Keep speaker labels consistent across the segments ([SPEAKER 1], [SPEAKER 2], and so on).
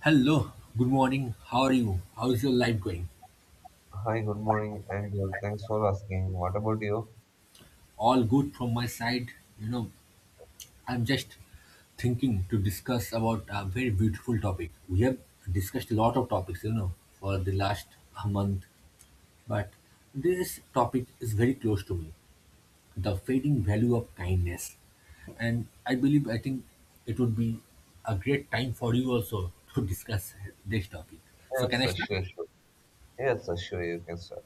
[SPEAKER 1] Hello, good morning. How are you? How's your life going?
[SPEAKER 2] Hi, good morning, and thanks for asking. What about you?
[SPEAKER 1] All good from my side. You know, I'm just thinking to discuss about a very beautiful topic. We have discussed a lot of topics, for the last month, but this topic is very close to me. The fading value of kindness. And I believe I think it would be a great time for you also to discuss this topic. So
[SPEAKER 2] Yes,
[SPEAKER 1] can I start?
[SPEAKER 2] sure, sure. Yes, sure, you can start.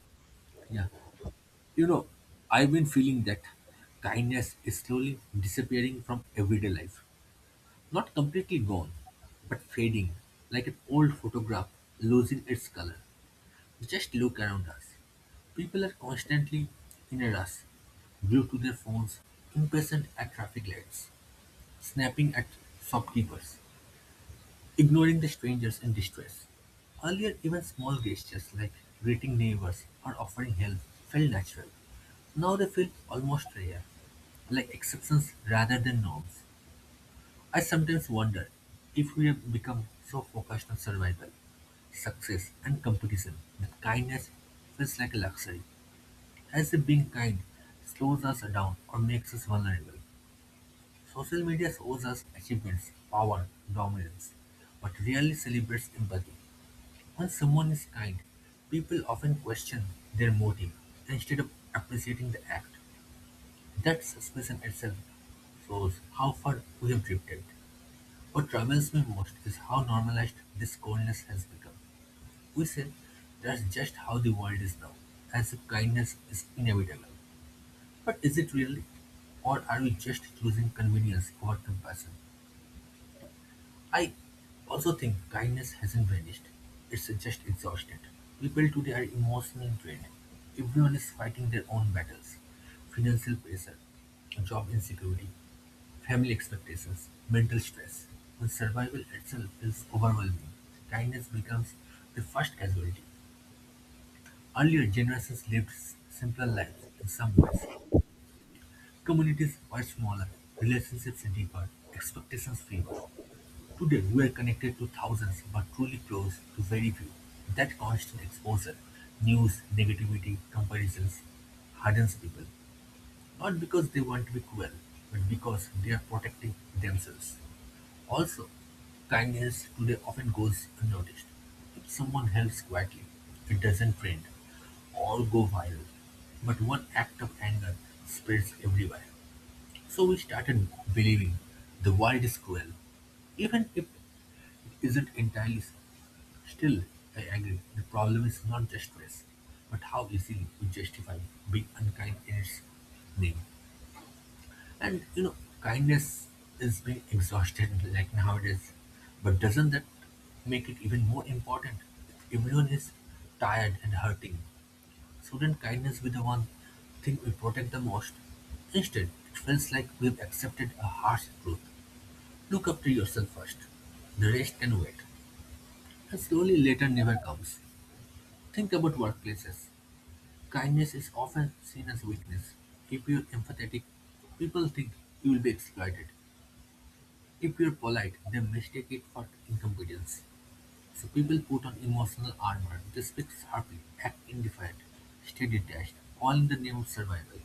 [SPEAKER 1] Yeah. You know, I've been feeling that kindness is slowly disappearing from everyday life. Not completely gone, but fading, like an old photograph losing its color. Just look around us. People are constantly in a rush, glued to their phones, impatient at traffic lights, snapping at shopkeepers, ignoring the strangers in distress. Earlier, even small gestures like greeting neighbors or offering help felt natural. Now they feel almost rare like exceptions rather than norms. I sometimes wonder if we have become so focused on survival, success, and competition that kindness feels like a luxury, as if being kind slows us down or makes us vulnerable. Social media shows us achievements, power, dominance, but rarely celebrates empathy. When someone is kind, people often question their motive instead of appreciating the act. That suspicion itself shows how far we have drifted. What troubles me most is how normalized this coldness has become. We say that's just how the world is now, as if kindness is inevitable. But is it really? Or are we just choosing convenience over compassion? I also think kindness hasn't vanished. It's just exhausted. People today are emotionally drained. Everyone is fighting their own battles. Financial pressure, job insecurity, family expectations, mental stress. When survival itself feels overwhelming, kindness becomes the first casualty. Earlier generations lived simpler lives in some ways. Communities were smaller, relationships deeper, expectations fewer. Today we are connected to thousands but truly close to very few. That constant exposure, news, negativity, comparisons, hardens people. Not because they want to be cruel, but because they are protecting themselves. Also, kindness today often goes unnoticed. If someone helps quietly, it doesn't trend or go viral. But one act of anger spreads everywhere. So we started believing the world is cruel. Even if isn't entirely simple. Still, I agree, the problem is not just race, but how easily we justify being unkind in its name. And kindness is being exhausted like nowadays, but doesn't that make it even more important? If everyone is tired and hurting, shouldn't kindness be the one thing we protect the most? Instead, it feels like we've accepted a harsh truth. Look after yourself first. The rest can wait. As slowly later never comes. Think about workplaces. Kindness is often seen as weakness. If you're empathetic, people think you will be exploited. If you're polite, they mistake it for incompetence. So people put on emotional armor. They speak sharply, act indifferent, stay detached, all in the name of survival.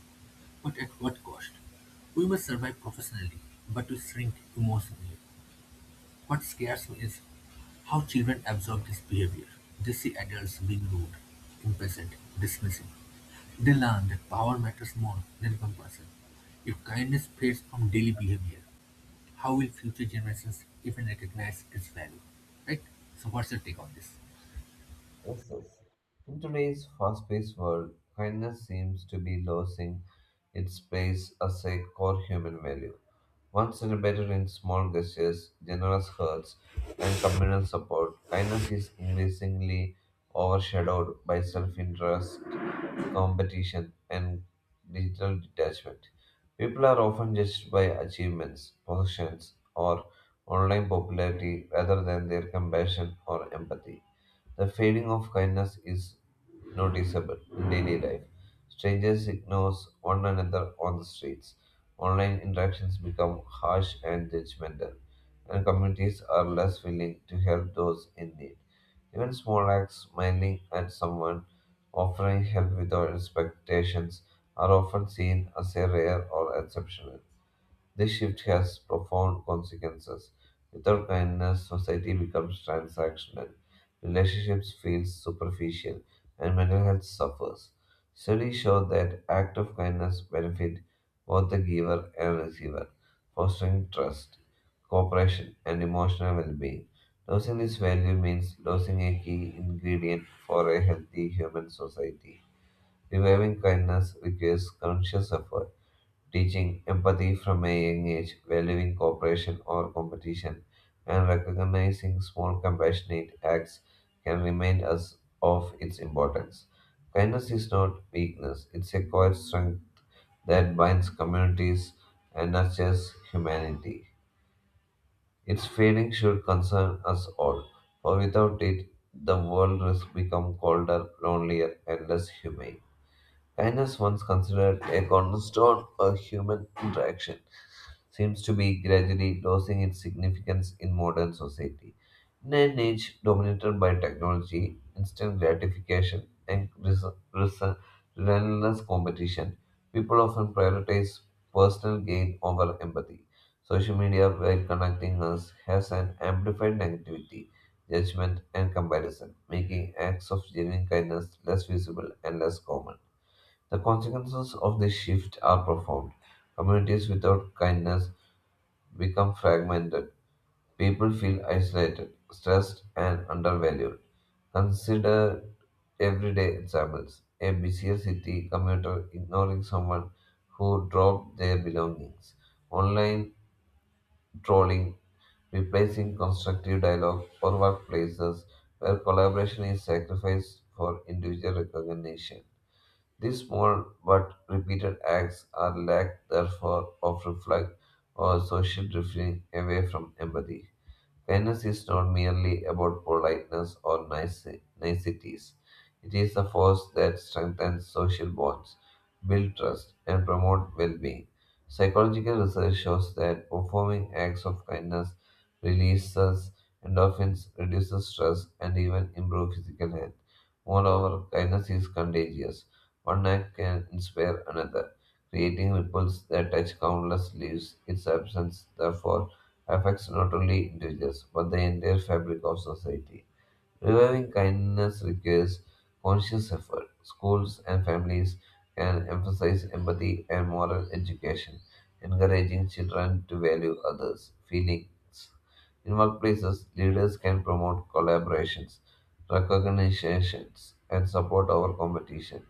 [SPEAKER 1] But at what cost? We must survive professionally, but we shrink emotionally. What scares me is how children absorb this behavior. They see adults being rude, impatient, dismissive. They learn that power matters more than compassion. If kindness fades from daily behavior, how will future generations even recognize its value? Right? So, what's your take on this?
[SPEAKER 2] Yes, yes. In today's fast paced world, kindness seems to be losing its place as a core human value. Once celebrated in small gestures, generous hearts, and communal support, kindness is increasingly overshadowed by self interest, competition, and digital detachment. People are often judged by achievements, possessions, or online popularity rather than their compassion or empathy. The fading of kindness is noticeable in daily life. Strangers ignore one another on the streets. Online interactions become harsh and judgmental, and communities are less willing to help those in need. Even small acts, smiling at someone, offering help without expectations, are often seen as a rare or exceptional. This shift has profound consequences. Without kindness, society becomes transactional, relationships feel superficial, and mental health suffers. Studies show that acts of kindness benefit both the giver and receiver, fostering trust, cooperation, and emotional well-being. Losing this value means losing a key ingredient for a healthy human society. Reviving kindness requires conscious effort. Teaching empathy from a young age, valuing cooperation or competition, and recognizing small compassionate acts can remind us of its importance. Kindness is not weakness, it's a quiet strength that binds communities and nurtures humanity. Its fading should concern us all, for without it, the world has become colder, lonelier, and less humane. Kindness, once considered a cornerstone of human interaction, seems to be gradually losing its significance in modern society. In an age dominated by technology, instant gratification, and res- relentless competition, people often prioritize personal gain over empathy. Social media, while connecting us, has an amplified negativity, judgment, and comparison, making acts of genuine kindness less visible and less common. The consequences of this shift are profound. Communities without kindness become fragmented. People feel isolated, stressed, and undervalued. Consider everyday examples. A busier city commuter ignoring someone who dropped their belongings, online trolling replacing constructive dialogue, or workplaces where collaboration is sacrificed for individual recognition. These small but repeated acts are lack, therefore, of reflect or social drifting away from empathy. Kindness is not merely about politeness or nice, niceties. It is a force that strengthens social bonds, builds trust, and promotes well-being. Psychological research shows that performing acts of kindness releases endorphins, reduces stress, and even improves physical health. Moreover, kindness is contagious. One act can inspire another, creating ripples that touch countless lives. Its absence, therefore, affects not only individuals but the entire fabric of society. Reviving kindness requires conscious effort. Schools and families can emphasize empathy and moral education, encouraging children to value others' feelings. In workplaces, leaders can promote collaborations, recognitions, and support over competition,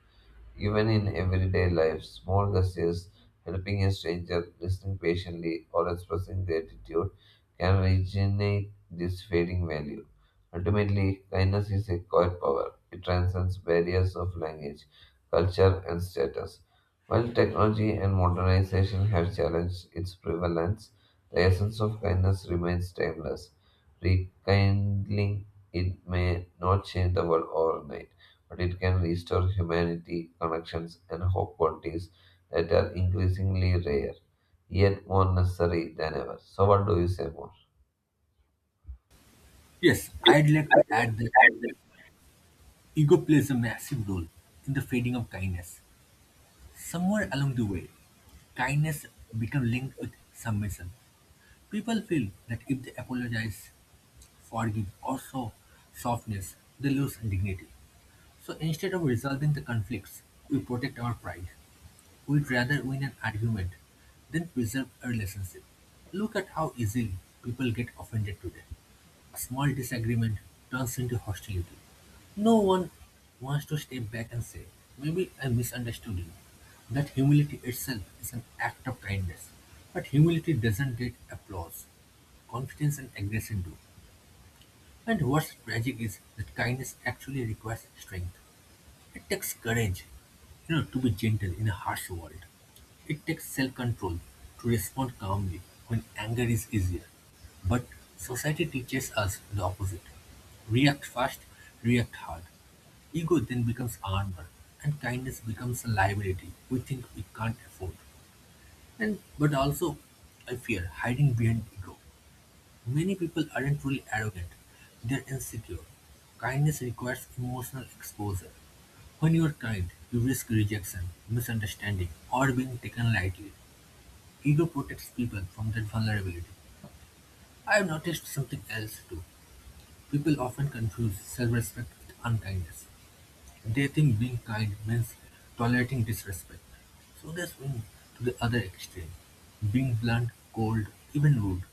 [SPEAKER 2] even in everyday life, small gestures, helping a stranger, listening patiently, or expressing gratitude can regenerate this fading value. Ultimately, kindness is a quiet power. It transcends barriers of language, culture, and status. While technology and modernization have challenged its prevalence, the essence of kindness remains timeless. Rekindling it may not change the world overnight, but it can restore humanity, connections, and hope qualities that are increasingly rare, yet more necessary than ever. So, what do you say more?
[SPEAKER 1] Yes, I'd like to add that ego plays a massive role in the fading of kindness. Somewhere along the way, kindness becomes linked with submission. People feel that if they apologize, forgive, or show softness, they lose dignity. So instead of resolving the conflicts, we protect our pride. We'd rather win an argument than preserve a relationship. Look at how easily people get offended today. A small disagreement turns into hostility. No one wants to step back and say, maybe I misunderstood you. That humility itself is an act of kindness. But humility doesn't get applause. Confidence and aggression do. And what's tragic is that kindness actually requires strength. It takes courage, to be gentle in a harsh world. It takes self-control to respond calmly when anger is easier. But society teaches us the opposite. React fast, react hard. Ego then becomes armor, and kindness becomes a liability we think we can't afford. And but also, I fear hiding behind ego. Many people aren't really arrogant, they're insecure. Kindness requires emotional exposure. When you are kind, you risk rejection, misunderstanding, or being taken lightly. Ego protects people from that vulnerability. I have noticed something else too. People often confuse self respect with unkindness. They think being kind means tolerating disrespect, so they swing to the other extreme, being blunt, cold, even rude,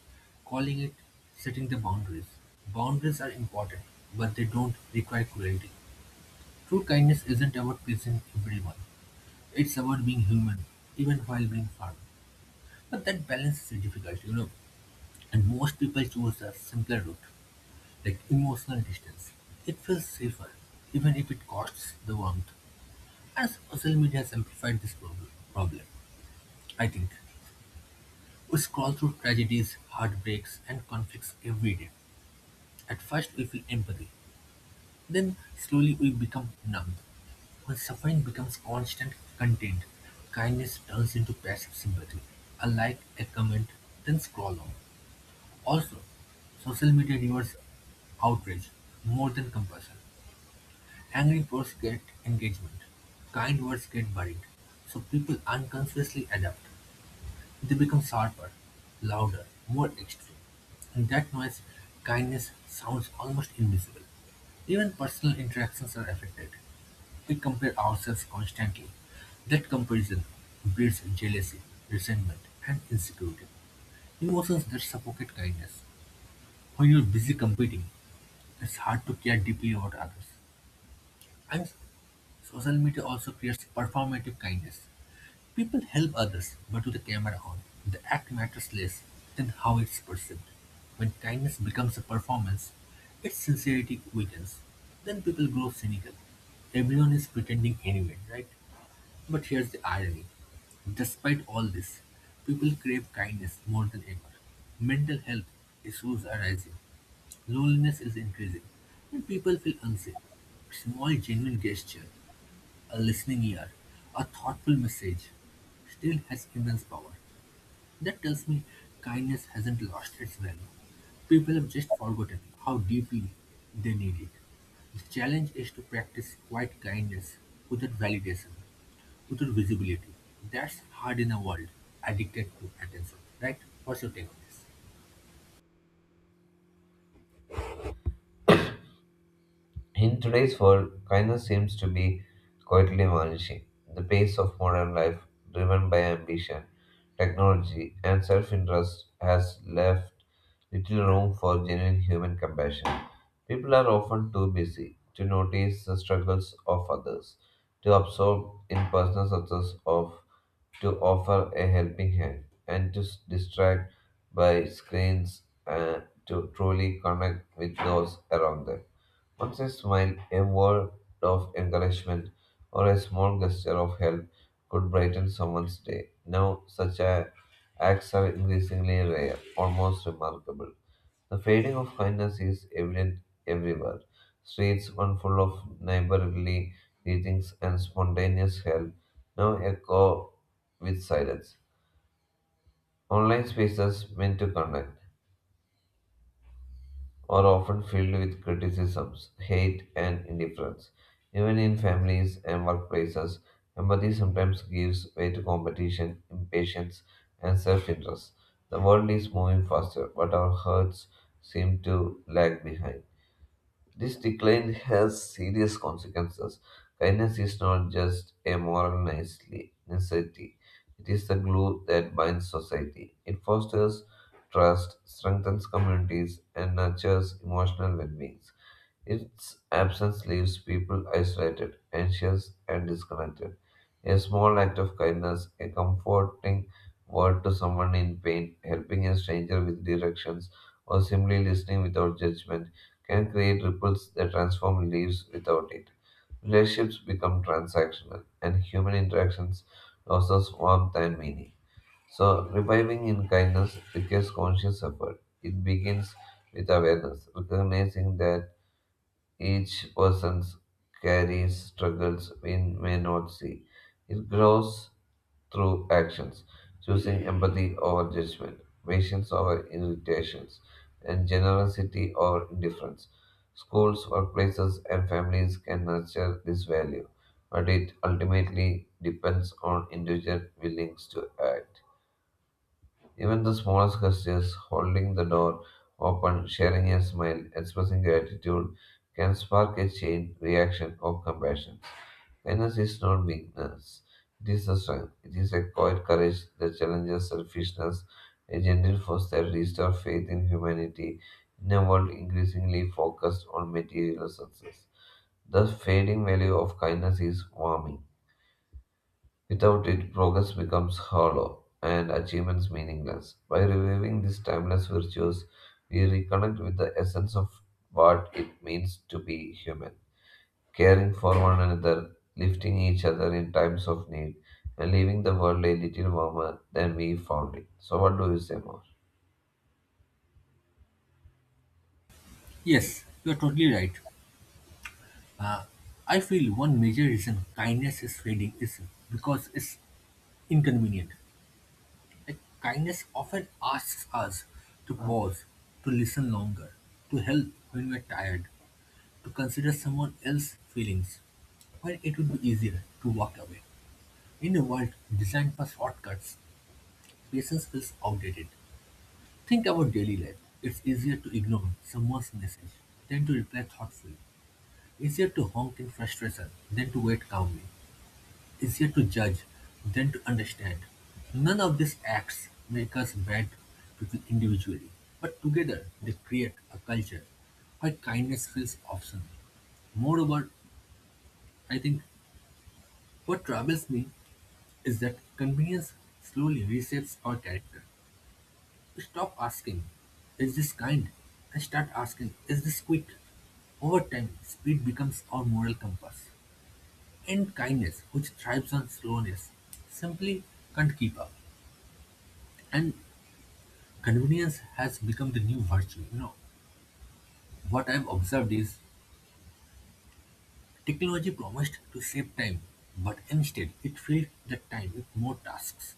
[SPEAKER 1] calling it setting the boundaries. Boundaries are important, but they don't require cruelty. True kindness isn't about pleasing everyone, it's about being human, even while being firm. But that balance is difficult, and most people choose a simpler route, like emotional distance. It feels safer, even if it costs the warmth. As social media has amplified this problem, I think. We scroll through tragedies, heartbreaks, and conflicts every day. At first, we feel empathy. Then, slowly, we become numb. When suffering becomes constant content, kindness turns into passive sympathy. A like, a comment, then scroll on. Also, social media rewards outrage more than compassion. Angry posts get engagement. Kind words get buried. So people unconsciously adapt. They become sharper, louder, more extreme, in that noise kindness sounds almost invisible. Even personal interactions are affected. We compare ourselves constantly. That comparison breeds jealousy, resentment, and insecurity. Emotions that suffocate kindness. When you're busy competing, it's hard to care deeply about others. And social media also creates performative kindness. People help others, but with the camera on, the act matters less than how it's perceived. When kindness becomes a performance, its sincerity weakens. Then people grow cynical. Everyone is pretending anyway, right? But here's the irony. Despite all this, people crave kindness more than ever. Mental health issues are rising. Loneliness is increasing, and people feel unsafe. A small genuine gesture, a listening ear, a thoughtful message still has immense power. That tells me kindness hasn't lost its value. People have just forgotten how deeply they need it. The challenge is to practice quiet kindness without validation without visibility. That's hard in a world addicted to attention, right? What's your take on this?
[SPEAKER 2] In today's world, kindness seems to be quietly vanishing. The pace of modern life, driven by ambition, technology, and self interest, has left little room for genuine human compassion. People are often too busy to notice the struggles of others, to absorb in personal success of, to offer a helping hand, and to distract by screens to truly connect with those around them. Once a smile, a word of encouragement, or a small gesture of help could brighten someone's day. Now, such acts are increasingly rare, almost remarkable. The fading of kindness is evident everywhere. Streets, once full of neighborly greetings and spontaneous help, now echo with silence. Online spaces meant to connect are often filled with criticisms, hate, and indifference. Even in families and workplaces, empathy sometimes gives way to competition, impatience, and self interest. The world is moving faster, but our hearts seem to lag behind. This decline has serious consequences. Kindness is not just a moral necessity, it is the glue that binds society. It fosters trust, strengthens communities, and nurtures emotional well being. Its absence leaves people isolated, anxious, and disconnected. A small act of kindness, a comforting word to someone in pain, helping a stranger with directions, or simply listening without judgment can create ripples that transform lives without it. Relationships become transactional, and human interactions loses warmth and meaning. So, reviving in kindness requires conscious effort. It begins with awareness, recognizing that each person carries struggles we may not see. It grows through actions, choosing empathy over judgment, patience over irritations, and generosity over indifference. Schools, workplaces, and families can nurture this value, but it ultimately depends on individual willingness to act. Even the smallest gestures, holding the door open, sharing a smile, expressing gratitude, can spark a chain reaction of compassion. Kindness is not weakness, it is a strength. It is a quiet courage that challenges selfishness, a gentle force that restores faith in humanity in a world increasingly focused on material success. The fading value of kindness is warming. Without it, progress becomes hollow and achievements meaningless. By reviving these timeless virtues, we reconnect with the essence of what it means to be human, caring for one another, lifting each other in times of need, and leaving the world a little warmer than we found it. So, what do you say more?
[SPEAKER 1] Yes, you are totally right. I feel one major reason kindness is fading is because it's inconvenient. Like kindness often asks us to pause, to listen longer, to help when we're tired, to consider someone else's feelings when it would be easier to walk away. In a world designed for shortcuts, patience feels outdated. Think about daily life. It's easier to ignore someone's message than to reply thoughtfully. Easier to honk in frustration than to wait calmly. Easier to judge than to understand. None of these acts make us bad people individually, but together they create a culture where kindness feels optional. Moreover, I think what troubles me is that convenience slowly reshapes our character. Stop asking, is this kind? And start asking, is this quick? Over time, speed becomes our moral compass. And kindness, which thrives on slowness, simply can't keep up. And convenience has become the new virtue. What I've observed is technology promised to save time, but instead it filled the time with more tasks.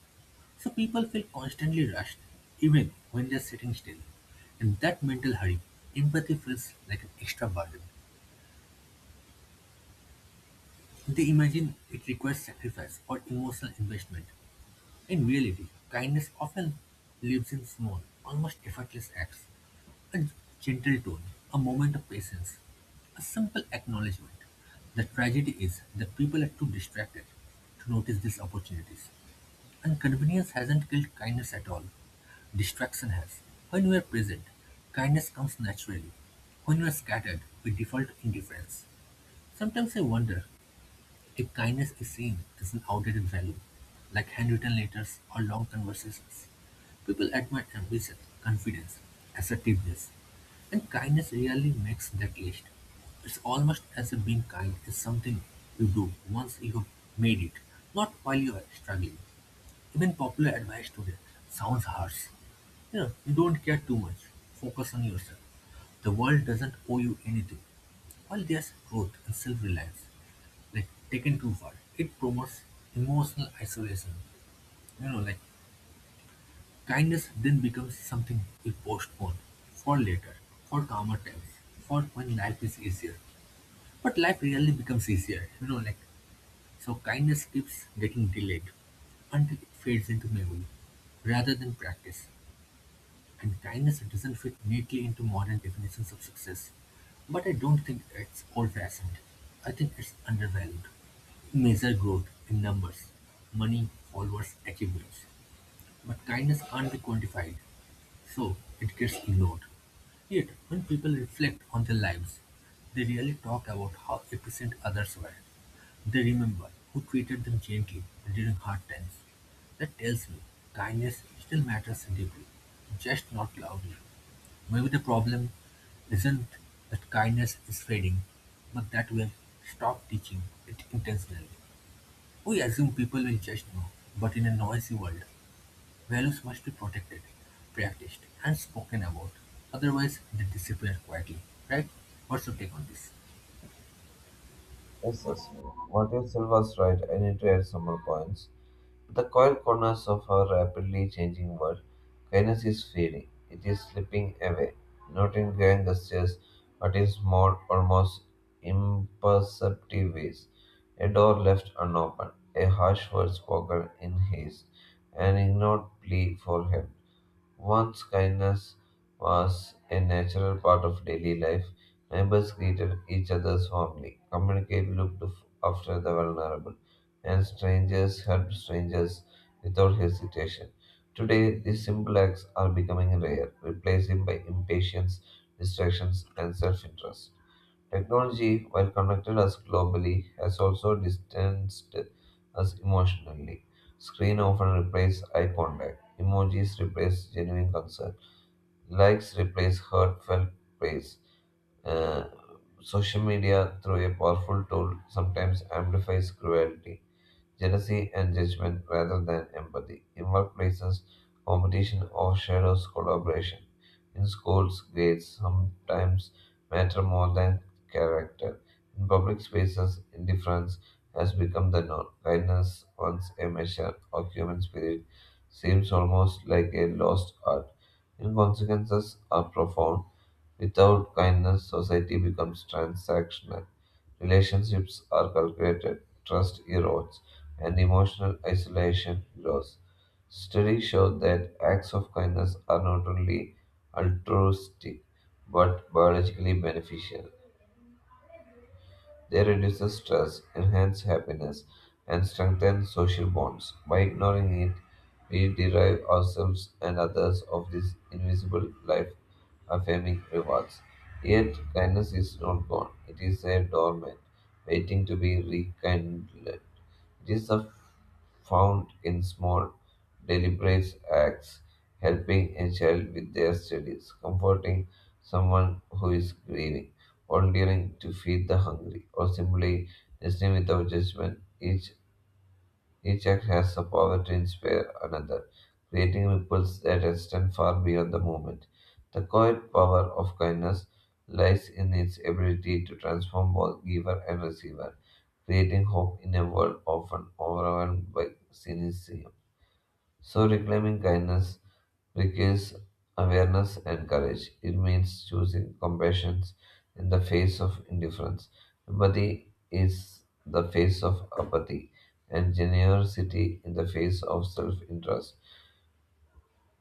[SPEAKER 1] So people feel constantly rushed, even when they're sitting still. And that mental hurry, empathy feels like an extra burden. They imagine it requires sacrifice or emotional investment. In reality, kindness often lives in small, almost effortless acts. A gentle tone, a moment of patience, a simple acknowledgement. The tragedy is that people are too distracted to notice these opportunities. And convenience hasn't killed kindness at all. Distraction has. When we are present, kindness comes naturally. When we are scattered, we default to indifference. Sometimes I wonder if kindness is seen as an outdated value, like handwritten letters or long conversations, people admire ambition, confidence, assertiveness, and kindness rarely makes that list. It's almost as if being kind is something you do once you have made it, not while you are struggling. Even popular advice today sounds harsh. You don't care too much. Focus on yourself. The world doesn't owe you anything. While there's growth and self-reliance, like taken too far. It promotes emotional isolation. Like kindness then becomes something we postpone for later, for calmer times, for when life is easier. But life really becomes easier, like so kindness keeps getting delayed until it fades into memory rather than practice. And kindness doesn't fit neatly into modern definitions of success. But I don't think it's old fashioned. I think it's undervalued. We measure growth in numbers, money, followers, achievements. But kindness can't be quantified, so it gets ignored. Yet, when people reflect on their lives, they really talk about how efficient others were. They remember who treated them gently during hard times. That tells me kindness still matters deeply, just not loudly. Maybe the problem isn't that kindness is fading, but that we've stopped teaching it intentionally. We assume people will just know, but in a noisy world, values must be protected, practiced, and spoken about. Otherwise, they disappear quietly, right? What's your take on this?
[SPEAKER 2] Yes, yes. What if was right? I need to add some more points. The quiet corners of our rapidly changing world, kindness is fading. It is slipping away, not in grand gestures, but in small, almost imperceptible ways. A door left unopened, a harsh word spoken in haste, an ignored plea for help. Once kindness was a natural part of daily life, neighbors greeted each other warmly, communicated looked after the vulnerable, and strangers helped strangers without hesitation. Today, these simple acts are becoming rare, replaced by impatience, distractions, and self interest. Technology, while connected us globally, has also distanced us emotionally. Screen often replaces eye contact. Emojis replace genuine concern. Likes replace heartfelt praise. Uh, Social media, through a powerful tool, sometimes amplifies cruelty, jealousy and judgment rather than empathy. In workplaces, competition overshadows collaboration. In schools, grades sometimes matter more than character. In public spaces, indifference has become the norm. Kindness, once a measure of human spirit, seems almost like a lost art. In consequences are profound. Without kindness, society becomes transactional. Relationships are calculated, trust erodes, and emotional isolation grows. Studies show that acts of kindness are not only altruistic but biologically beneficial. They reduce stress, enhance happiness, and strengthen social bonds. By ignoring it, we deprive ourselves and others of these invisible life affirming rewards. Yet, kindness is not gone, it is a dormant, waiting to be rekindled. These are found in small, deliberate acts, helping a child with their studies, comforting someone who is grieving, volunteering to feed the hungry, or simply listening without judgment. Each act has the power to inspire another, creating ripples that extend far beyond the moment. The quiet power of kindness lies in its ability to transform both giver and receiver, creating hope in a world often overwhelmed by cynicism. So, reclaiming kindness requires awareness and courage. It means choosing compassion in the face of indifference. Empathy is the face of apathy, and generosity in the face of self interest.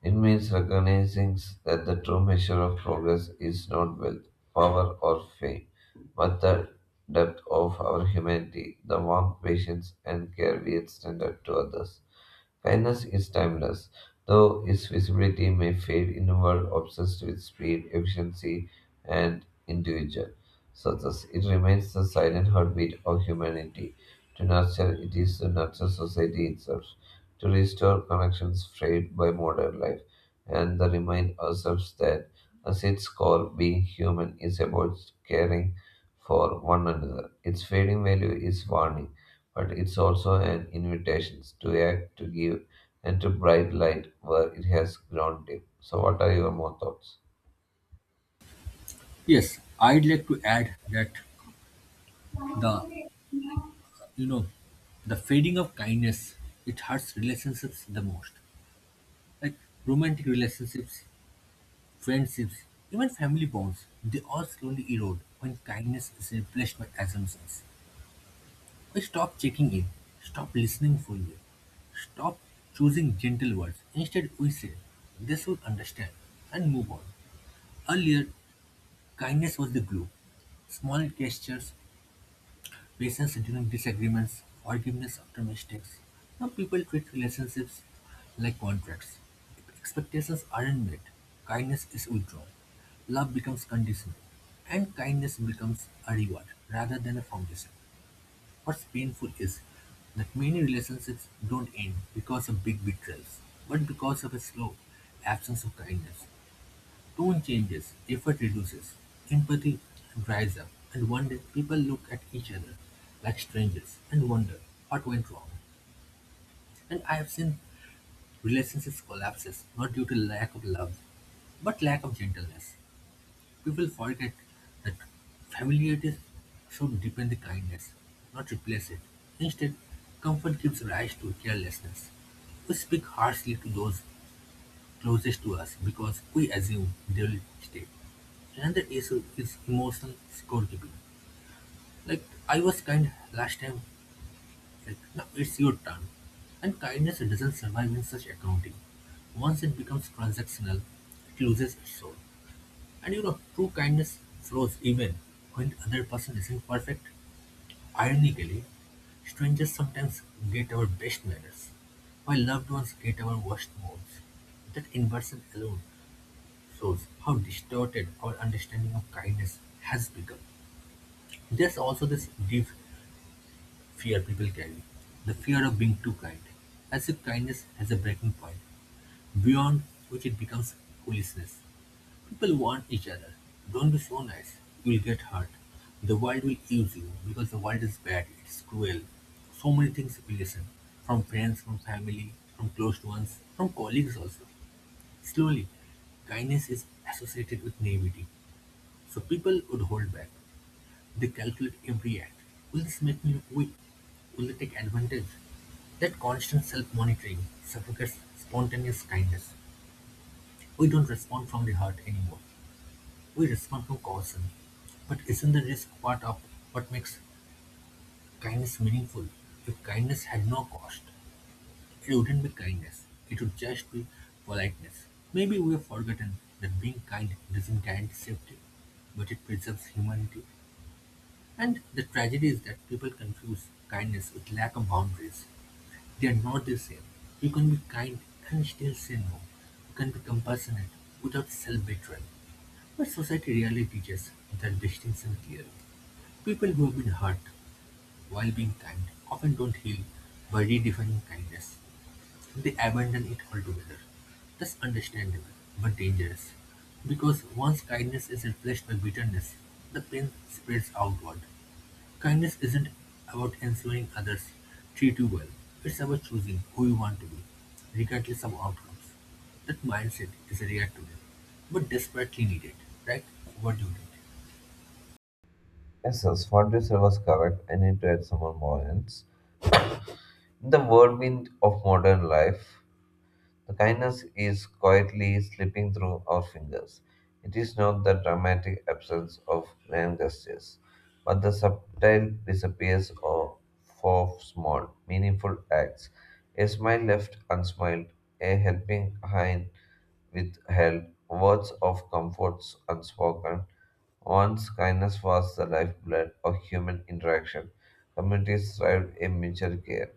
[SPEAKER 2] It means recognizing that the true measure of progress is not wealth, power, or fame, but the depth of our humanity, the warmth, patience, and care we extend to others. Kindness is timeless, though its visibility may fade in a world obsessed with speed, efficiency, and individual success. It remains the silent heartbeat of humanity to nature, it is the natural society itself, to restore connections frayed by modern life, and to remind ourselves that, at its core, being human is about caring for one another. Its fading value is warning, but it's also an invitation to act, to give, and to bright light where it has grown dim. So, what are your more thoughts?
[SPEAKER 1] Yes, I'd like to add that the you know the fading of kindness, it hurts relationships the most. Like romantic relationships, friendships, even family bonds, they all slowly erode when kindness is replaced by assumptions. We stop checking in, stop listening fully, stop choosing gentle words. Instead, we say, they should understand, and move on. Earlier, kindness was the glue. Small gestures, patience during disagreements, forgiveness after mistakes. Now people treat relationships like contracts. If expectations aren't met, kindness is withdrawn. Love becomes conditional, and kindness becomes a reward rather than a foundation. What's painful is that many relationships don't end because of big betrayals, but because of a slow absence of kindness. Tone changes, effort reduces, empathy dries up, and one day people look at each other like strangers and wonder what went wrong. And I have seen relationships collapses not due to lack of love, but lack of gentleness. People forget that familiarity should deepen the kindness, not replace it. Instead, comfort gives rise to carelessness. We speak harshly to those closest to us because we assume they will stay. Another issue is emotional scorekeeping. Like, I was kind last time, like now it's your turn. And kindness doesn't survive in such accounting. Once it becomes transactional, it loses its soul. And you know, true kindness flows even when the other person isn't perfect. Ironically, strangers sometimes get our best manners, while loved ones get our worst moods. That inversion alone shows how distorted our understanding of kindness has become. There's also this deep fear people carry, the fear of being too kind, as if kindness has a breaking point, beyond which it becomes foolishness. People warn each other, don't be so nice, you'll get hurt. The world will use you because the world is bad, it's cruel. So many things we listen from friends, from family, from close ones, from colleagues also. Slowly, kindness is associated with naivety, so people would hold back. They calculate every act. Will this make me look weak? Will they take advantage? That constant self-monitoring suffocates spontaneous kindness. We don't respond from the heart anymore. We respond from caution. But isn't the risk part of what makes kindness meaningful? If kindness had no cost, it wouldn't be kindness. It would just be politeness. Maybe we have forgotten that being kind doesn't guarantee safety, but it preserves humanity. And the tragedy is that people confuse kindness with lack of boundaries. They are not the same. You can be kind and still say no. You can be compassionate without self betrayal. But society rarely teaches that distinction clearly. People who have been hurt while being kind often don't heal by redefining kindness. They abandon it altogether. That's understandable, but dangerous. Because once kindness is replaced by bitterness, the pain spreads outward. Kindness isn't about ensuring others treat you well. It's about choosing who you want to be, regardless of outcomes. That mindset is rare today, but desperately needed, right? What do you think?
[SPEAKER 2] Yes, yes, what you said was correct. I need to add some more points. In the whirlwind of modern life, the kindness is quietly slipping through our fingers. It is not the dramatic absence of grand gestures, but the subtle disappears of for small, meaningful acts. A smile left unsmiled, a helping hand withheld, words of comforts unspoken. Once kindness was the lifeblood of human interaction, communities thrived in mutual care.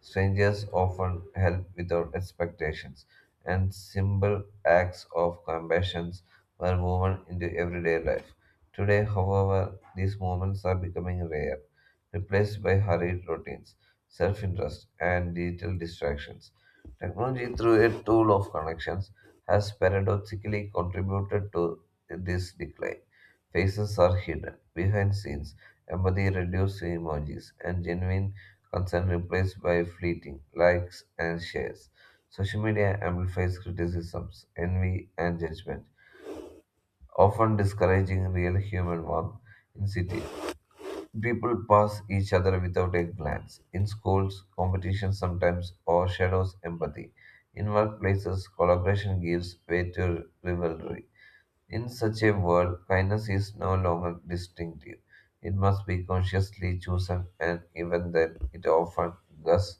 [SPEAKER 2] Strangers often help without expectations, and simple acts of compassion were woven into everyday life. Today, however, these moments are becoming rare, replaced by hurried routines, self interest, and digital distractions. Technology, through a tool of connections, has paradoxically contributed to this decline. Faces are hidden behind scenes, empathy reduced to emojis, and genuine concern replaced by fleeting likes and shares. Social media amplifies criticisms, envy, and judgment, often discouraging real human warmth. In cities, people pass each other without a glance. In schools, competition sometimes overshadows empathy. In workplaces, collaboration gives way to rivalry. In such a world, kindness is no longer distinctive. It must be consciously chosen, and even then, it often thus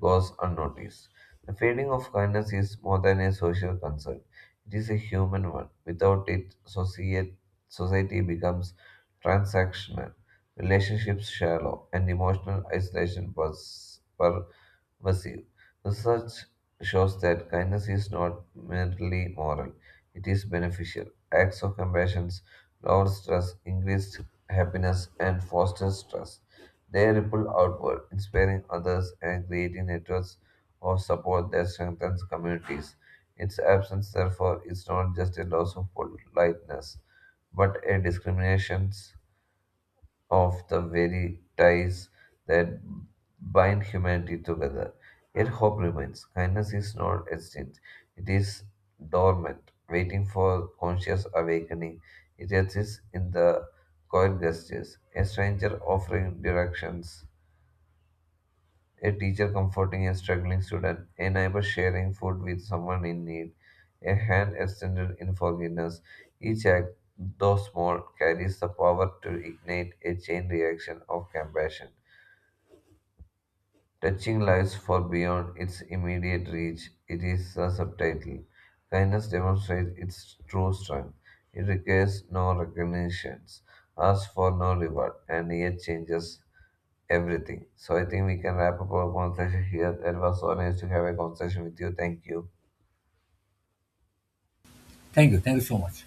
[SPEAKER 2] goes unnoticed. The feeling of kindness is more than a social concern, it is a human one. Without it, society becomes transactional, relationships shallow, and emotional isolation pervasive. Research shows that kindness is not merely moral, it is beneficial. Acts of compassion lower stress, increase happiness, and foster trust. They ripple outward, inspiring others and creating networks of support that strengthens communities. Its absence, therefore, is not just a loss of politeness, but a discrimination of the very ties that bind humanity together. Yet hope remains. Kindness is not extinct, it is dormant, waiting for conscious awakening. It exists in the quiet gestures, a stranger offering directions, a teacher comforting a struggling student, a neighbor sharing food with someone in need, a hand extended in forgiveness. Each act, though small, carries the power to ignite a chain reaction of compassion, touching lives far beyond its immediate reach. It is the subtitle. Kindness demonstrates its true strength. It requires no recognitions, asks for no reward, and yet changes everything. So I think we can wrap up our conversation here. That was so nice to have a conversation with you. Thank you.
[SPEAKER 1] Thank you. Thank you so much.